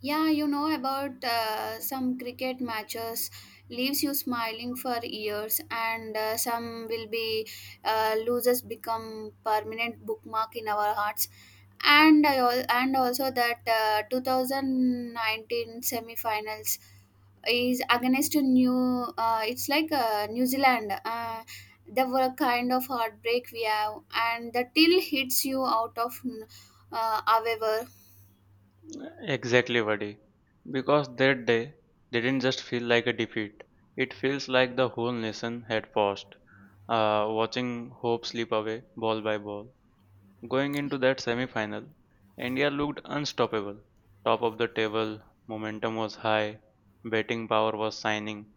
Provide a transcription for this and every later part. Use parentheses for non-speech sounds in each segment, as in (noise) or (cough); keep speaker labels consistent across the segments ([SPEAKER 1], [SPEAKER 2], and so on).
[SPEAKER 1] Yeah, you know about some cricket matches leaves you smiling for years, and some will be losers become permanent bookmark in our hearts. And also that 2019 semi-finals is against a new. It's like New Zealand. There were a kind of heartbreak we have, and the till hits you out of. However,
[SPEAKER 2] Exactly, Vadi. Because that day didn't just feel like a defeat, it feels like the whole nation had paused, watching hope slip away ball by ball. Going into that semi-final, India looked unstoppable. Top of the table, momentum was high, batting power was shining,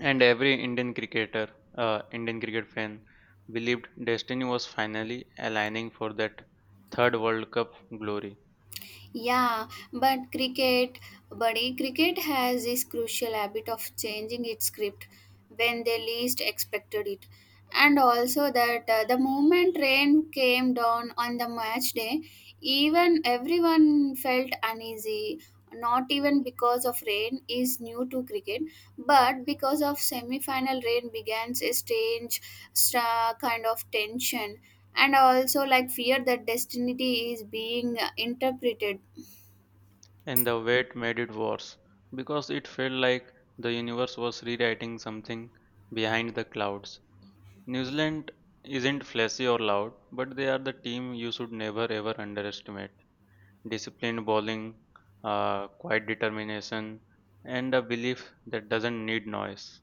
[SPEAKER 2] and every Indian cricketer, Indian cricket fan, believed destiny was finally aligning for that third World Cup glory.
[SPEAKER 1] yeah, but cricket, buddy, cricket has this crucial habit of changing its script when they least expected it. And also that the moment rain came down on the match day, even everyone felt uneasy. Not even because of rain is new to cricket, but because of semi-final rain began a strange kind of tension, and also like fear that destiny is being interpreted.
[SPEAKER 2] And the wait made it worse because it felt like the universe was rewriting something behind the clouds. New Zealand isn't flashy or loud, but they are the team you should never ever underestimate. Disciplined bowling, quiet determination, and a belief that doesn't need noise.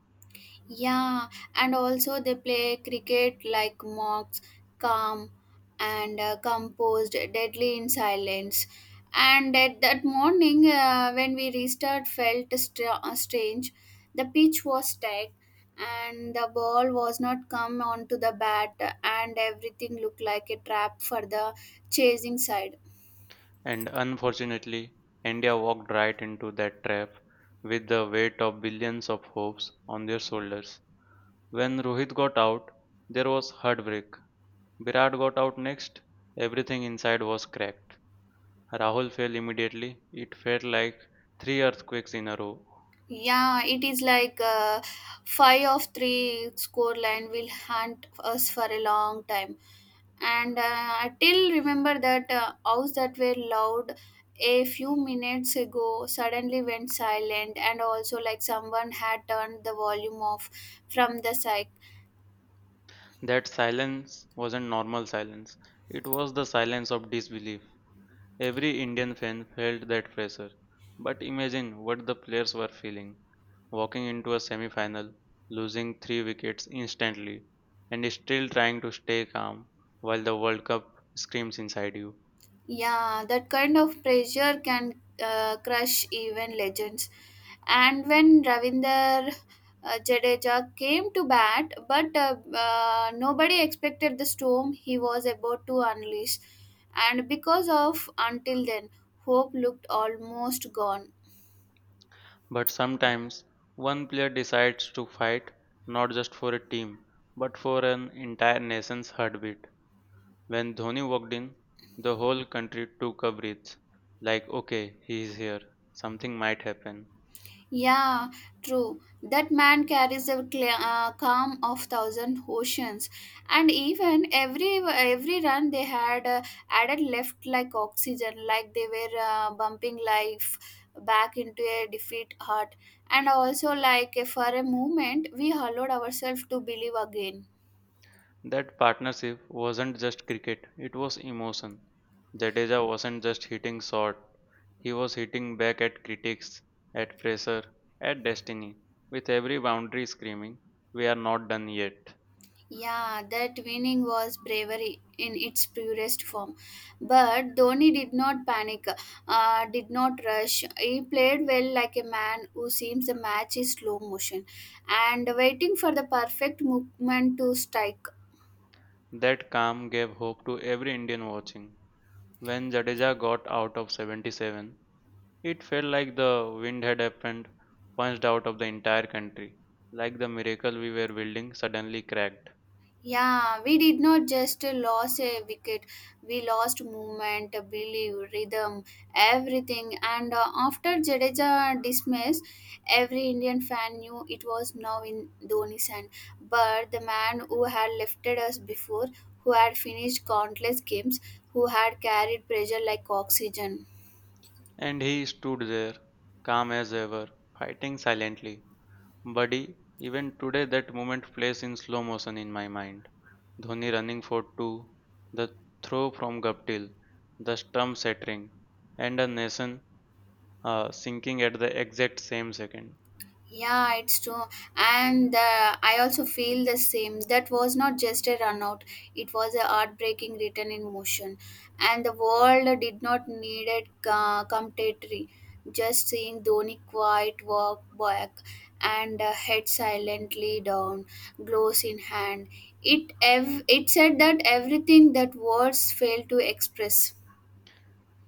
[SPEAKER 1] Yeah, and also they play cricket like mocks, calm, and composed, deadly in silence. And at that morning, when we restarted, felt strange. The pitch was tight, and the ball was not come onto the bat, and everything looked like a trap for the chasing side.
[SPEAKER 2] And unfortunately, India walked right into that trap with the weight of billions of hopes on their shoulders. When Rohit got out, there was heartbreak. Virat got out next, everything inside was cracked. Rahul fell immediately. It felt like 3 earthquakes in a row.
[SPEAKER 1] Yeah, it is like five of three score line will hunt us for a long time, and I still remember that house that were loud a few minutes ago suddenly went silent, and also like someone had turned the volume off from the psych.
[SPEAKER 2] That silence wasn't normal silence. It was the silence of disbelief. Every Indian fan felt that pressure. But imagine what the players were feeling. Walking into a semi final, losing 3 wickets instantly, and still trying to stay calm while the World Cup screams inside you.
[SPEAKER 1] Yeah, that kind of pressure can crush even legends. And when Ravinder Jadeja came to bat, but nobody expected the storm he was about to unleash. And because of until then, hope looked almost gone.
[SPEAKER 2] But sometimes one player decides to fight not just for a team, but for an entire nation's heartbeat. When Dhoni walked in, the whole country took a breath like, okay, he is here, something might happen.
[SPEAKER 1] Yeah, true. That man carries the cla calm of thousand oceans, and even every run they had added left like oxygen, like they were bumping life back into a defeat heart. And also, like for a moment, we allowed ourselves to believe again.
[SPEAKER 2] That partnership wasn't just cricket, it was emotion. Jadeja wasn't just hitting short, he was hitting back at critics, at pressure, at destiny, with every boundary screaming, "We are not done yet."
[SPEAKER 1] Yeah, that winning was bravery in its purest form. But Dhoni did not panic, did not rush. He played well like a man who seems the match is slow motion and waiting for the perfect movement to strike.
[SPEAKER 2] That calm gave hope to every Indian watching. When Jadeja got out of 77, it felt like the wind had happened, punched out of the entire country, like the miracle we were building suddenly cracked.
[SPEAKER 1] Yeah, we did not just lose a wicket, we lost movement, belief, rhythm, everything. And after Jadeja dismissed, every Indian fan knew it was now in Dhoni's hand. But the man who had lifted us before, who had finished countless games, who had carried pressure like oxygen.
[SPEAKER 2] And he stood there, calm as ever, fighting silently. Buddy, even today that moment plays in slow motion in my mind. Dhoni running for two, the throw from Guptill, the stump shattering, and a nation sinking at the exact same second.
[SPEAKER 1] Yeah, it's true. And I also feel the same. That was not just a run out, it was a heartbreaking return in motion. And the world did not need it commentary. Just seeing Dhoni quiet walk back and head silently down, gloves in hand. It said that everything that words failed to express.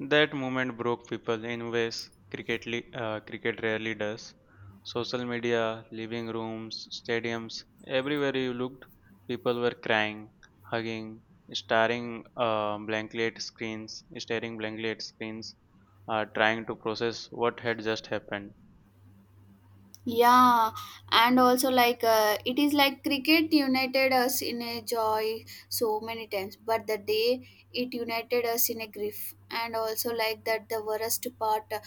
[SPEAKER 2] That moment broke people in ways cricket, cricket rarely does. Social media, living rooms, stadiums, everywhere you looked, people were crying, hugging, staring blankly at screens, trying to process what had just happened.
[SPEAKER 1] Yeah, and also like it is like cricket united us in a joy so many times, but the day it united us in a grief, and also like that the worst part,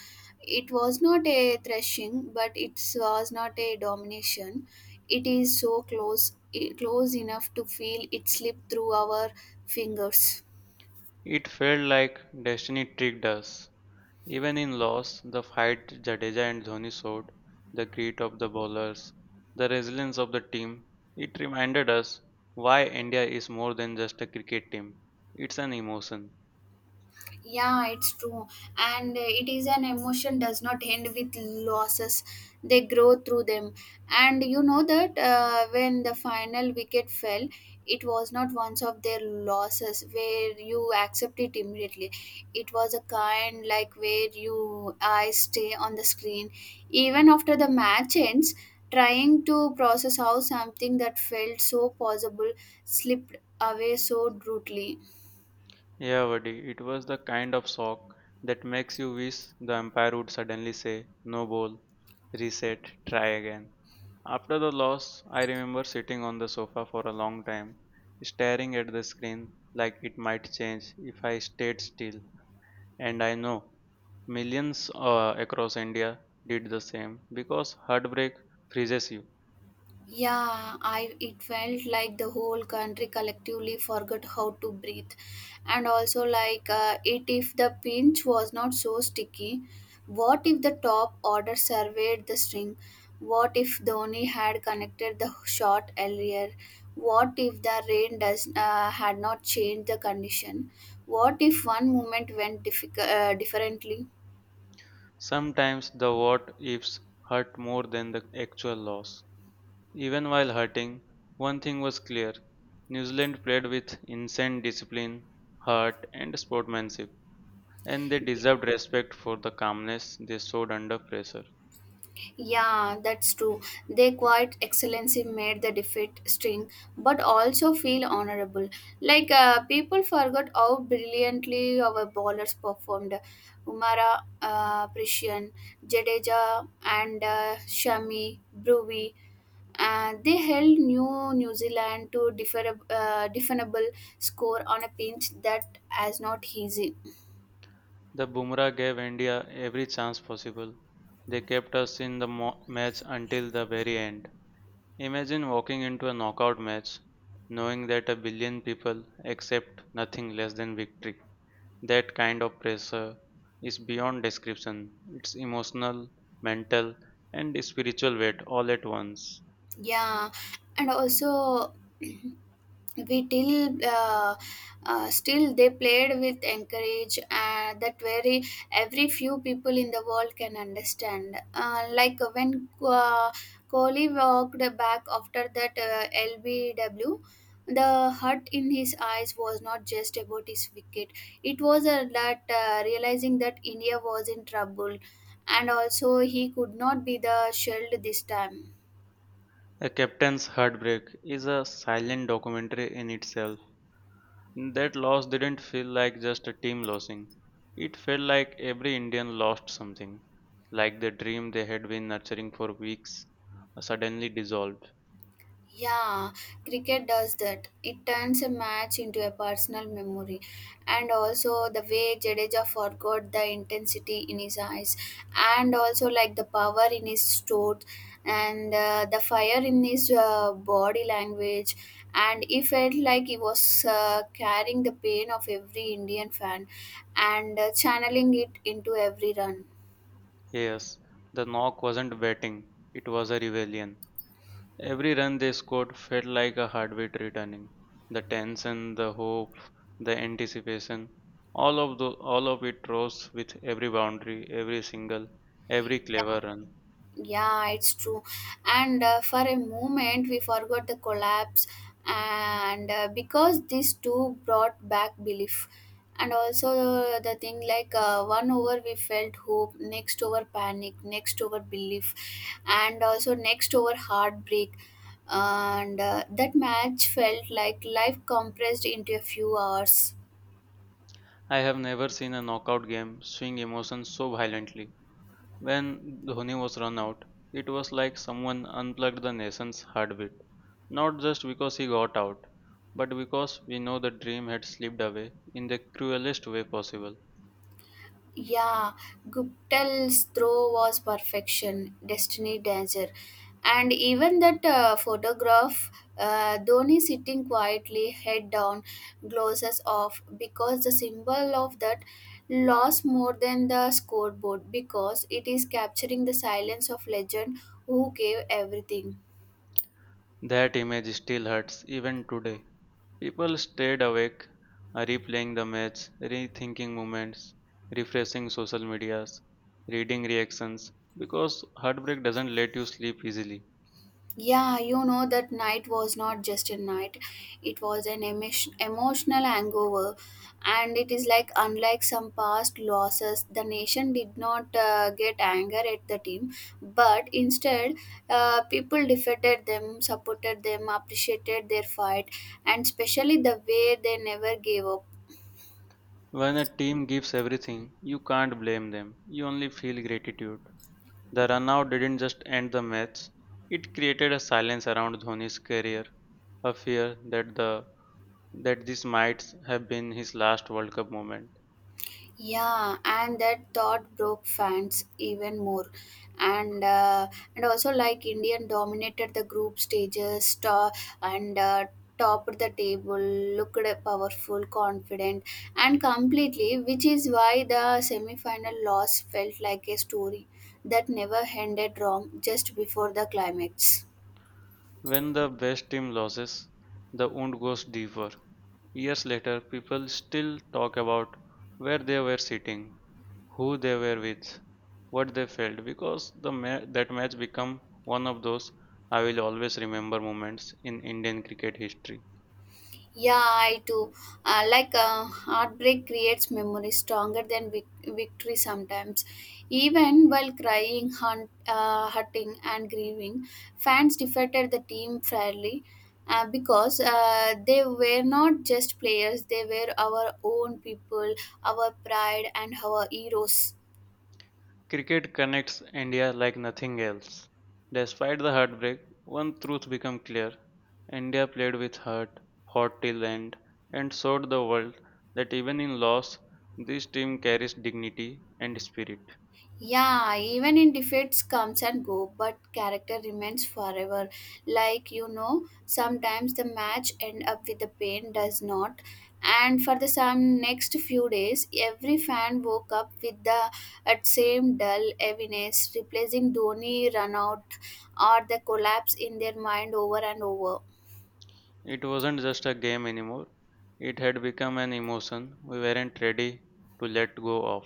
[SPEAKER 1] it was not a thrashing, but it was not a domination. It is so close, close enough to feel it slip through our fingers.
[SPEAKER 2] It felt like destiny tricked us. Even in loss, the fight Jadeja and Dhoni showed, the grit of the bowlers, the resilience of the team, it reminded us why India is more than just a cricket team. It's an emotion.
[SPEAKER 1] Yeah, it's true. And it is an emotion does not end with losses. They grow through them. And you know that when the final wicket fell, it was not one of their losses where you accept it immediately. It was a kind like where you eyes stay on the screen. Even after the match ends, trying to process how something that felt so possible slipped away so brutally.
[SPEAKER 2] Yeah, buddy, it was the kind of shock that makes you wish the umpire would suddenly say, no ball, reset, try again. After the loss, I remember sitting on the sofa for a long time, staring at the screen like it might change if I stayed still. And I know millions across India did the same because heartbreak freezes you.
[SPEAKER 1] Yeah, I it felt like the whole country collectively forgot how to breathe, and also like it if the pinch was not so sticky. What if the top order surveyed the string? What if Dhoni had connected the shot earlier? What if the rain does had not changed the condition? What if one moment went difficult differently?
[SPEAKER 2] Sometimes the what ifs hurt more than the actual loss. Even while hurting, one thing was clear. New Zealand played with insane discipline, heart, and sportsmanship, and they deserved respect for the calmness they showed under pressure.
[SPEAKER 1] Yeah, that's true. They quite excellency made the defeat sting, but also feel honorable. Like people forgot how brilliantly our bowlers performed. Umara, Prishan, Jadeja, and Shami, Bruvi. They held New Zealand to definable score on a pinch that is not easy.
[SPEAKER 2] The Bumrah gave India every chance possible. They kept us in the match until the very end. Imagine walking into a knockout match knowing that a billion people accept nothing less than victory. That kind of pressure is beyond description. It's emotional, mental, and spiritual weight all at once.
[SPEAKER 1] Yeah, and also. (clears throat) We till still they played with encourage that very every few people in the world can understand, like when Kohli walked back after that LBW, the hurt in his eyes was not just about his wicket. It was that realizing that India was in trouble, and also he could not be the shield this time.
[SPEAKER 2] A captain's heartbreak is a silent documentary in itself. That loss didn't feel like just a team losing. It felt like every Indian lost something, like the dream they had been nurturing for weeks suddenly dissolved.
[SPEAKER 1] Yeah, cricket does that. It turns a match into a personal memory. And also the way Jadeja forgot the intensity in his eyes, and also like the power in his stroke, and the fire in his body language, and he felt like he was carrying the pain of every Indian fan, and channeling it into every run.
[SPEAKER 2] Yes, the knock wasn't betting, it was a rebellion. Every run they scored felt like a heartbeat returning. The tension, the hope, the anticipation, all of it rose with every boundary, every single, every
[SPEAKER 1] Yeah.
[SPEAKER 2] clever run.
[SPEAKER 1] Yeah, it's true. And for a moment, we forgot the collapse, and because these two brought back belief, and also the thing like one over we felt hope, next over panic, next over belief, and also next over heartbreak. And that match felt like life compressed into a few hours.
[SPEAKER 2] I have never seen a knockout game swing emotions so violently. When Dhoni was run out, it was like someone unplugged the nation's heartbeat. Not just because he got out, but because we know the dream had slipped away in the cruelest way possible.
[SPEAKER 1] Yeah, Guptal's throw was perfection, destiny danger. And even that photograph, Dhoni sitting quietly, head down, glasses off, because the symbol of that lost more than the scoreboard, because it is capturing the silence of legend who gave everything.
[SPEAKER 2] That image still hurts even today. People stayed awake, replaying the match, rethinking moments, refreshing social medias, reading reactions, because heartbreak doesn't let you sleep easily.
[SPEAKER 1] Yeah, you know that night was not just a night; it was an emotion, emotional hangover, and it is like unlike some past losses, the nation did not get anger at the team, but instead, people defeated them, supported them, appreciated their fight, and especially the way they never gave up.
[SPEAKER 2] When a team gives everything, you can't blame them. You only feel gratitude. The runout didn't just end the match; it created a silence around Dhoni's career, a fear that the that this might have been his last World Cup moment.
[SPEAKER 1] Yeah, and that thought broke fans even more, and uh, and also like Indian dominated the group stages, to- and topped the table, looked powerful, confident, and completely, which is why the semi-final loss felt like a story that never ended wrong just before the climax.
[SPEAKER 2] When the best team loses, the wound goes deeper. Years later, people still talk about where they were sitting, who they were with, what they felt, because that match become one of those I will always remember moments in Indian cricket history.
[SPEAKER 1] Yeah, I too. Like heartbreak creates memories stronger than victory sometimes. Even while crying, hurting, and grieving, fans defeated the team fairly, because they were not just players, they were our own people, our pride, and our heroes.
[SPEAKER 2] Cricket connects India like nothing else. Despite the heartbreak, one truth became clear. India played with heart, fought till end, and showed the world that even in loss, this team carries dignity and spirit.
[SPEAKER 1] Yeah, even in defeats comes and go, but character remains forever. Like you know, sometimes the match end up with the pain does not. And for the some next few days, every fan woke up with the at same dull heaviness, replacing Dhoni run out or the collapse in their mind over and over.
[SPEAKER 2] It wasn't just a game anymore. It had become an emotion we weren't ready to let go of.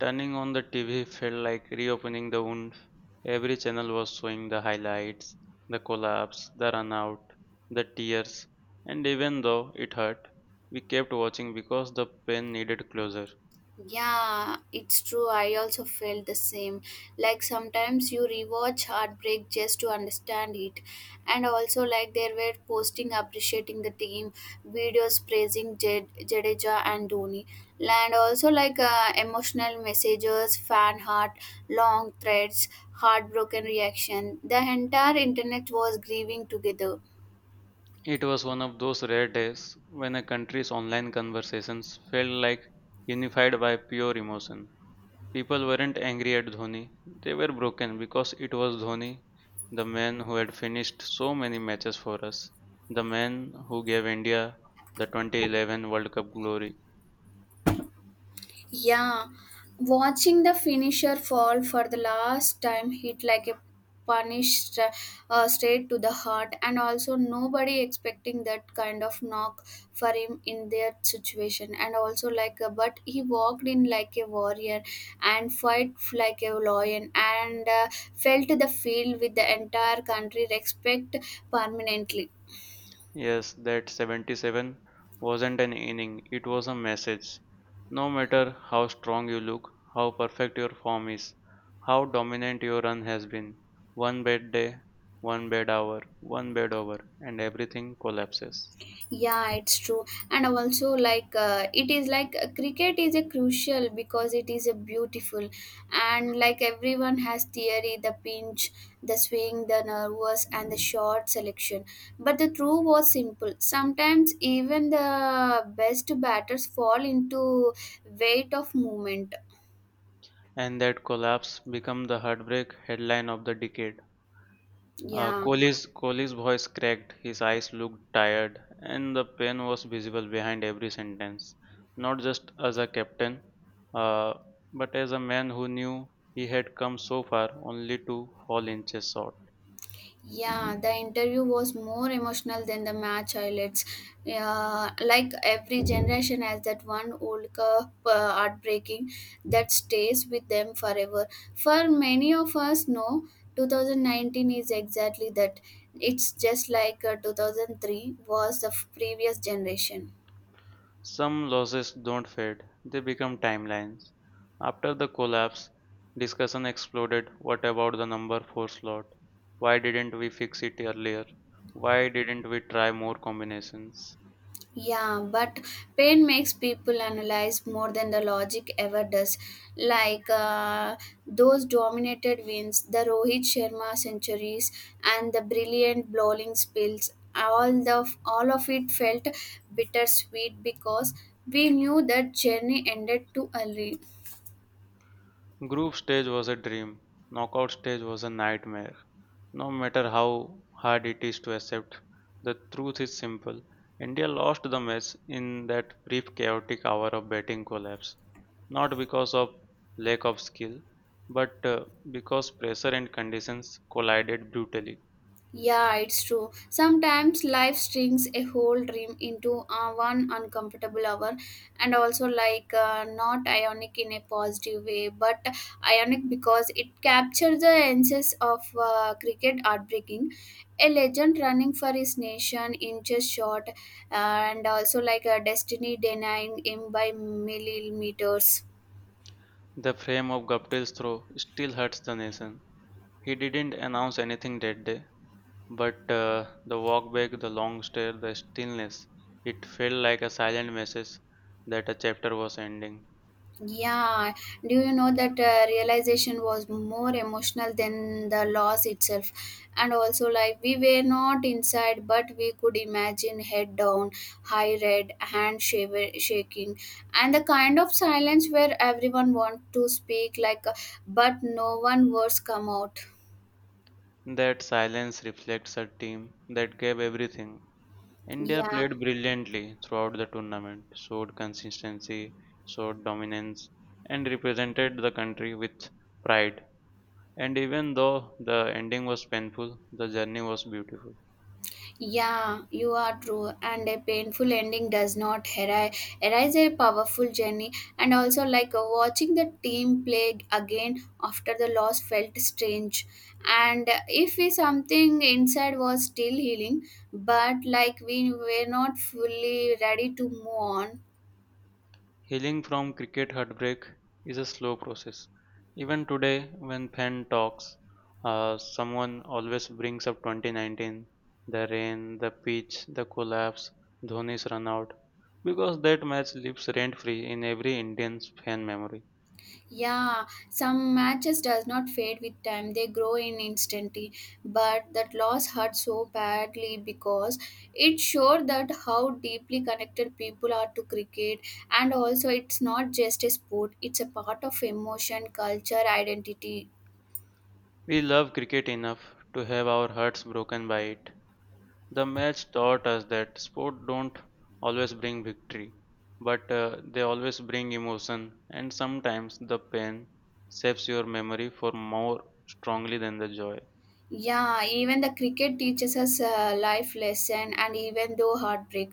[SPEAKER 2] Turning on the TV felt like reopening the wound. Every channel was showing the highlights, the collapse, the runout, the tears, and even though it hurt, we kept watching because the pain needed closure.
[SPEAKER 1] Yeah, it's true. I also felt the same. Like sometimes you rewatch Heartbreak just to understand it. And also, like, there were posting appreciating the team, videos praising Jadeja and Dhoni. And also, like, emotional messages, fan heart, long threads, heartbroken reaction. The entire internet was grieving together.
[SPEAKER 2] It was one of those rare days when a country's online conversations felt like unified by pure emotion. People weren't angry at Dhoni, they were broken because it was Dhoni, the man who had finished so many matches for us, the man who gave India the 2011 World Cup glory.
[SPEAKER 1] Yeah, watching the finisher fall for the last time hit like a punish stra- straight to the heart, and also nobody expecting that kind of knock for him in their situation. And also, like, but he walked in like a warrior and fight like a lion, and felt the field with the entire country respect permanently.
[SPEAKER 2] Yes, that 77 wasn't an inning, it was a message. No matter how strong you look, how perfect your form is, how dominant your run has been, one bad day, one bad hour, one bad over, and everything collapses.
[SPEAKER 1] Yeah, it's true. And also like it is like cricket is a crucial because it is a beautiful, and like everyone has theory the pinch, the swing, the nervous, and the short selection, but the truth was simple, sometimes even the best batters fall into weight of movement.
[SPEAKER 2] And that collapse became the heartbreak headline of the decade.
[SPEAKER 1] Yeah.
[SPEAKER 2] Kohli's voice cracked, his eyes looked tired, and the pain was visible behind every sentence. Not just as a captain, uh, but as a man who knew he had come so far only to fall inches short.
[SPEAKER 1] Yeah, the interview was more emotional than the match highlights. Yeah, like every generation has that one old cup heartbreaking that stays with them forever. For many of us, no, 2019 is exactly that. It's just like 2003 was the previous generation.
[SPEAKER 2] Some losses don't fade, they become timelines. After the collapse, discussion exploded. What about the number 4 slot? Why didn't we fix it earlier? Why didn't we try more combinations?
[SPEAKER 1] Yeah, but pain makes people analyze more than the logic ever does. Like those dominated wins, the Rohit Sharma centuries, and the brilliant bowling spills. All of it felt bittersweet because we knew that journey ended too early.
[SPEAKER 2] Group stage was a dream, knockout stage was a nightmare. No matter how hard it is to accept, the truth is simple. India lost the match in that brief chaotic hour of batting collapse, not because of lack of skill, but because pressure and conditions collided brutally.
[SPEAKER 1] Yeah, it's true. Sometimes life strings a whole dream into one uncomfortable hour, and also like not ionic in a positive way, but ionic because it captures the essence of cricket heartbreaking. A legend running for his nation inches short, and also like a destiny denying him by millimeters.
[SPEAKER 2] The frame of Guptill's throw still hurts the nation. He didn't announce anything that day, but the walk back, the long stare, the stillness, it felt like a silent message that a chapter was ending.
[SPEAKER 1] Yeah, do you know that realization was more emotional than the loss itself? And also, like, we were not inside, but we could imagine head down, high red, hand shaking, and the kind of silence where everyone want to speak, like, but no one words come out.
[SPEAKER 2] That silence reflects a team that gave everything. India
[SPEAKER 1] Yeah.
[SPEAKER 2] played brilliantly throughout the tournament, showed consistency, showed dominance, and represented the country with pride. And even though the ending was painful, the journey was beautiful.
[SPEAKER 1] Yeah, you are true, and a painful ending does not erase a powerful journey. And also, like watching the team play again after the loss felt strange. And if we something inside was still healing, but like we were not fully ready to move on.
[SPEAKER 2] Healing from cricket heartbreak is a slow process. Even today, when Penn talks, someone always brings up 2019, the rain, the pitch, the collapse, Dhoni's run out, because that match lives rent free in every Indian fan memory.
[SPEAKER 1] Yeah, some matches does not fade with time. They grow in instantly. But that loss hurt so badly because it showed that how deeply connected people are to cricket, and also it's not just a sport, it's a part of emotion, culture, identity.
[SPEAKER 2] We love cricket enough to have our hearts broken by it. The match taught us that sport don't always bring victory, but they always bring emotion, and sometimes the pain shapes your memory for more strongly than the joy.
[SPEAKER 1] Yeah, even the cricket teaches us life lesson and even though heartbreak.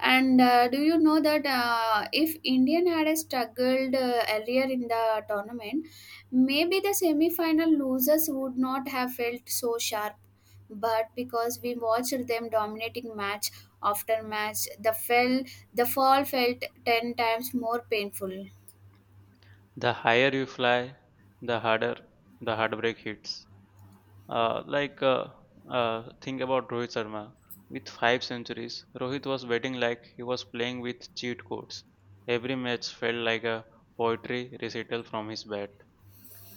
[SPEAKER 1] And do you know that if Indian had struggled earlier in the tournament, maybe the semi-final losers would not have felt so sharp. But because we watched them dominating match after match, the fall felt 10 times more painful.
[SPEAKER 2] The higher you fly, the harder the heartbreak hits. Uh, like uh, think about Rohit Sharma. With 5 centuries, Rohit was batting like he was playing with cheat codes. Every match felt like a poetry recital from his bat.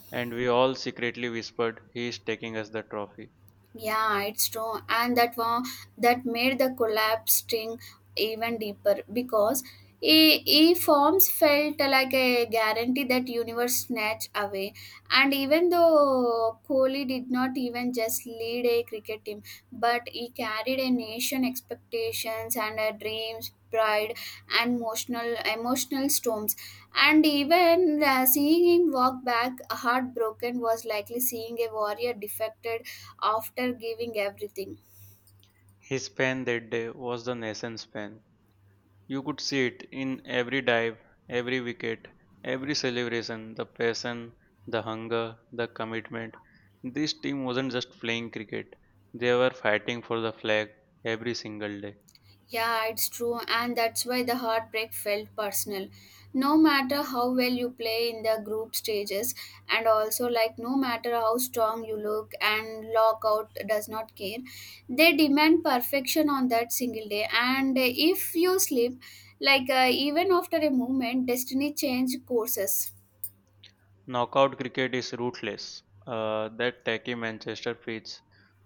[SPEAKER 2] And we all secretly whispered, he is taking us the trophy.
[SPEAKER 1] Yeah, it's true, and that one that made the collapse string even deeper because e, e forms felt like a guarantee that universe snatched away. And even though Kohli did not even just lead a cricket team, but he carried a nation expectations and a dreams, pride, and emotional storms. And even seeing him walk back heartbroken was likely seeing a warrior defected after giving everything.
[SPEAKER 2] His pen that day was the nation's pen. You could see it in every dive, every wicket, every celebration, the passion, the hunger, the commitment. This team wasn't just playing cricket, they were fighting for the flag every single day.
[SPEAKER 1] Yeah, it's true, and that's why the heartbreak felt personal. No matter how well you play in the group stages, and also like no matter how strong you look, and lockout does not care, they demand perfection on that single day. And if you slip, like even after a moment, destiny change courses.
[SPEAKER 2] Knockout cricket is ruthless. That tacky Manchester pitch,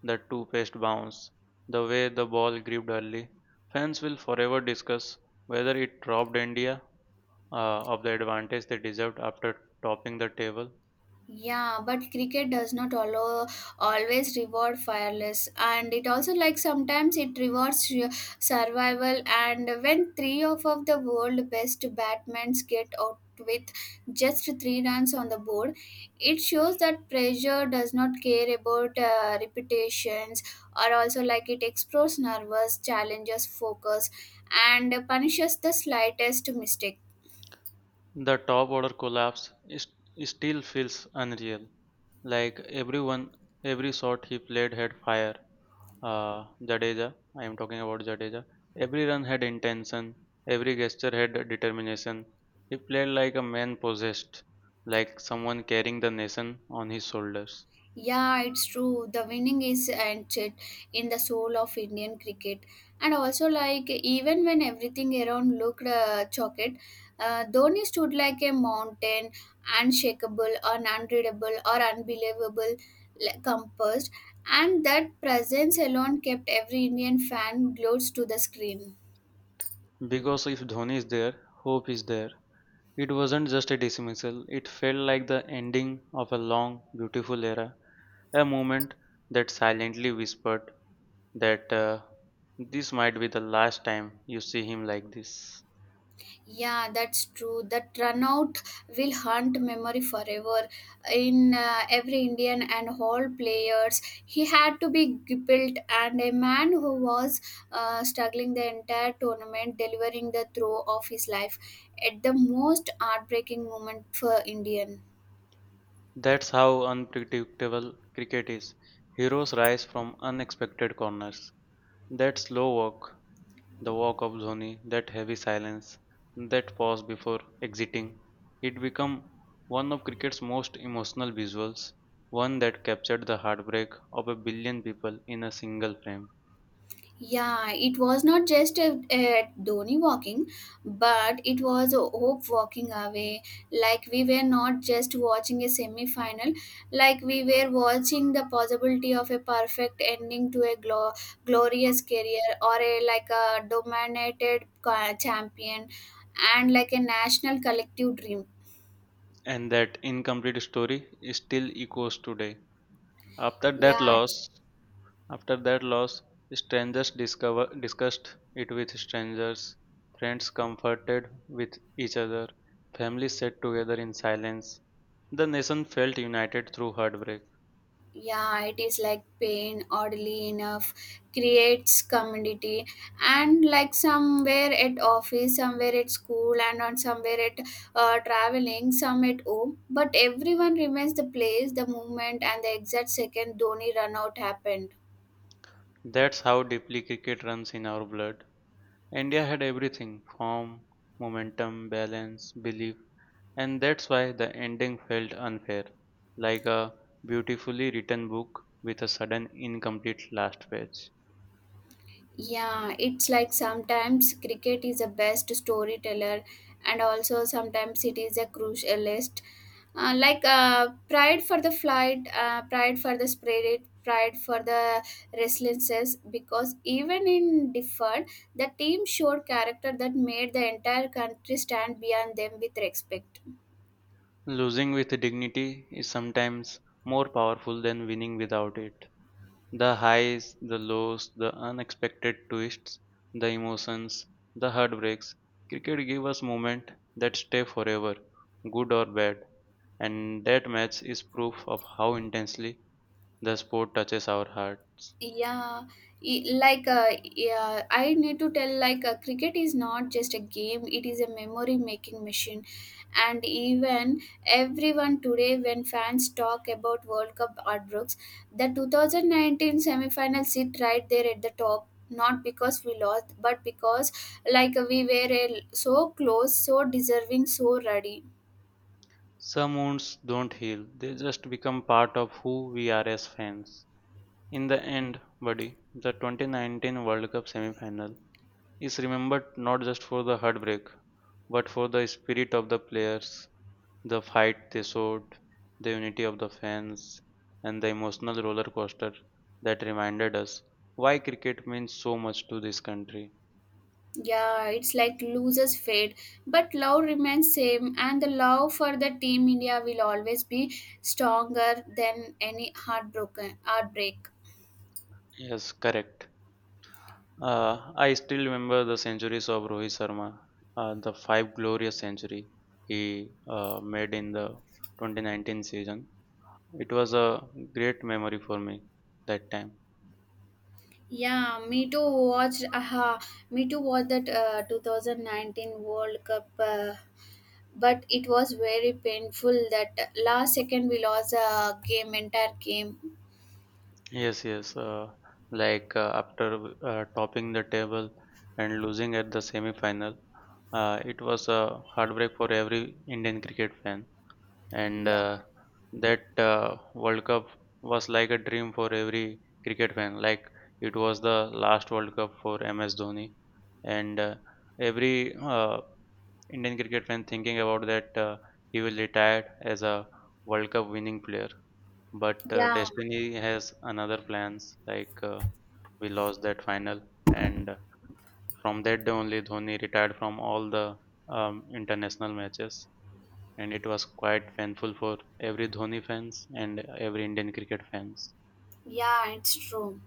[SPEAKER 2] that two-paced bounce, the way the ball gripped early. Fans will forever discuss whether it robbed India of the advantage they deserved after topping the table.
[SPEAKER 1] Yeah, but cricket does not allow, always reward fearless, and it also like sometimes it rewards survival. And when three of the world best batsmen get out with just three runs on the board, it shows that pressure does not care about reputations, or also like it explores nervous challenges focus and punishes the slightest mistake.
[SPEAKER 2] The top order collapse is, still feels unreal. Like everyone, every shot he played had fire. Jadeja, I am talking about Jadeja. Every run had intention. Every gesture had determination. He played like a man possessed, like someone carrying the nation on his shoulders.
[SPEAKER 1] Yeah, it's true. The winning is ancient in the soul of Indian cricket. And also, like, even when everything around looked chocolate, Dhoni stood like a mountain, unshakable, unreadable, or unbelievable, like, composed. And that presence alone kept every Indian fan glued to the screen.
[SPEAKER 2] Because if Dhoni is there, hope is there. It wasn't just a dismissal. It felt like the ending of a long, beautiful era, a moment that silently whispered, that this might be the last time you see him like this.
[SPEAKER 1] Yeah, that's true. That runout will haunt memory forever. In every Indian and all players, he had to be built, and a man who was struggling the entire tournament, delivering the throw of his life at the most heartbreaking moment for Indian.
[SPEAKER 2] That's how unpredictable cricket is. Heroes rise from unexpected corners. That slow walk, the walk of Dhoni, that heavy silence, that pause before exiting, it became one of cricket's most emotional visuals, one that captured the heartbreak of a billion people in a single frame.
[SPEAKER 1] Yeah, it was not just a Dhoni walking, but it was a hope walking away. Like we were not just watching a semi final, like we were watching the possibility of a perfect ending to a glorious career, or a like a dominated champion and like a national collective dream.
[SPEAKER 2] And that incomplete story still echoes today. After that
[SPEAKER 1] Yeah,
[SPEAKER 2] loss, After that loss, strangers discover, discussed it with strangers, friends comforted with each other, families sat together in silence. The nation felt united through heartbreak.
[SPEAKER 1] yeah, it is like pain oddly enough creates community, and like somewhere at office, somewhere at school, and on somewhere at traveling, some at home, but everyone remains the place, the moment, and the exact second Dhoni run out happened.
[SPEAKER 2] That's how deeply cricket runs in our blood. India had everything form, momentum, balance, belief, and that's why the ending felt unfair, like a beautifully written book with a sudden incomplete last page.
[SPEAKER 1] Yeah, it's like sometimes cricket is the best storyteller, and also sometimes it is a crucialist. Like pride for the flight, pride for the spirit, pride for the restlessness, because even in deferred, the team showed character that made the entire country stand beyond them with respect.
[SPEAKER 2] Losing with dignity is sometimes more powerful than winning without it. The highs, the lows, the unexpected twists, the emotions, the heartbreaks. Cricket gives us moments that stay forever, good or bad, and that match is proof of how intensely the sport touches our hearts.
[SPEAKER 1] Yeah, like yeah, I need to tell like cricket is not just a game; it is a memory making machine. And even everyone today, when fans talk about World Cup heartbreaks, the 2019 semi-final sit right there at the top. Not because we lost, but because like we were so close, so deserving, so ready.
[SPEAKER 2] Some wounds don't heal, they just become part of who we are as fans. In the end, buddy, the 2019 World Cup semi final is remembered not just for the heartbreak, but for the spirit of the players, the fight they showed, the unity of the fans, and the emotional roller coaster that reminded us why cricket means so much to this country.
[SPEAKER 1] Yeah, it's like losers fade, but love remains same, and the love for the team India will always be stronger than any heartbroken heartbreak.
[SPEAKER 2] Yes, correct. I still remember the centuries of Rohit Sharma, the five glorious century he made in the 2019 season. It was a great memory for me that time.
[SPEAKER 1] Yeah, me too. Me too watched that 2019 World Cup, but it was very painful that last second we lost a game, entire game.
[SPEAKER 2] Yes, yes. After topping the table and losing at the semi-final, it was a heartbreak for every Indian cricket fan. And
[SPEAKER 1] Yeah,
[SPEAKER 2] that World Cup was like a dream for every cricket fan. Like it was the last World Cup for MS Dhoni, and every Indian cricket fan thinking about that he will retire as a World Cup winning player. But
[SPEAKER 1] yeah,
[SPEAKER 2] destiny has another plans like. We lost that final, and from that day only Dhoni retired from all the international matches, and it was quite painful for every Dhoni fans and every Indian cricket fans.
[SPEAKER 1] yeah, it's true.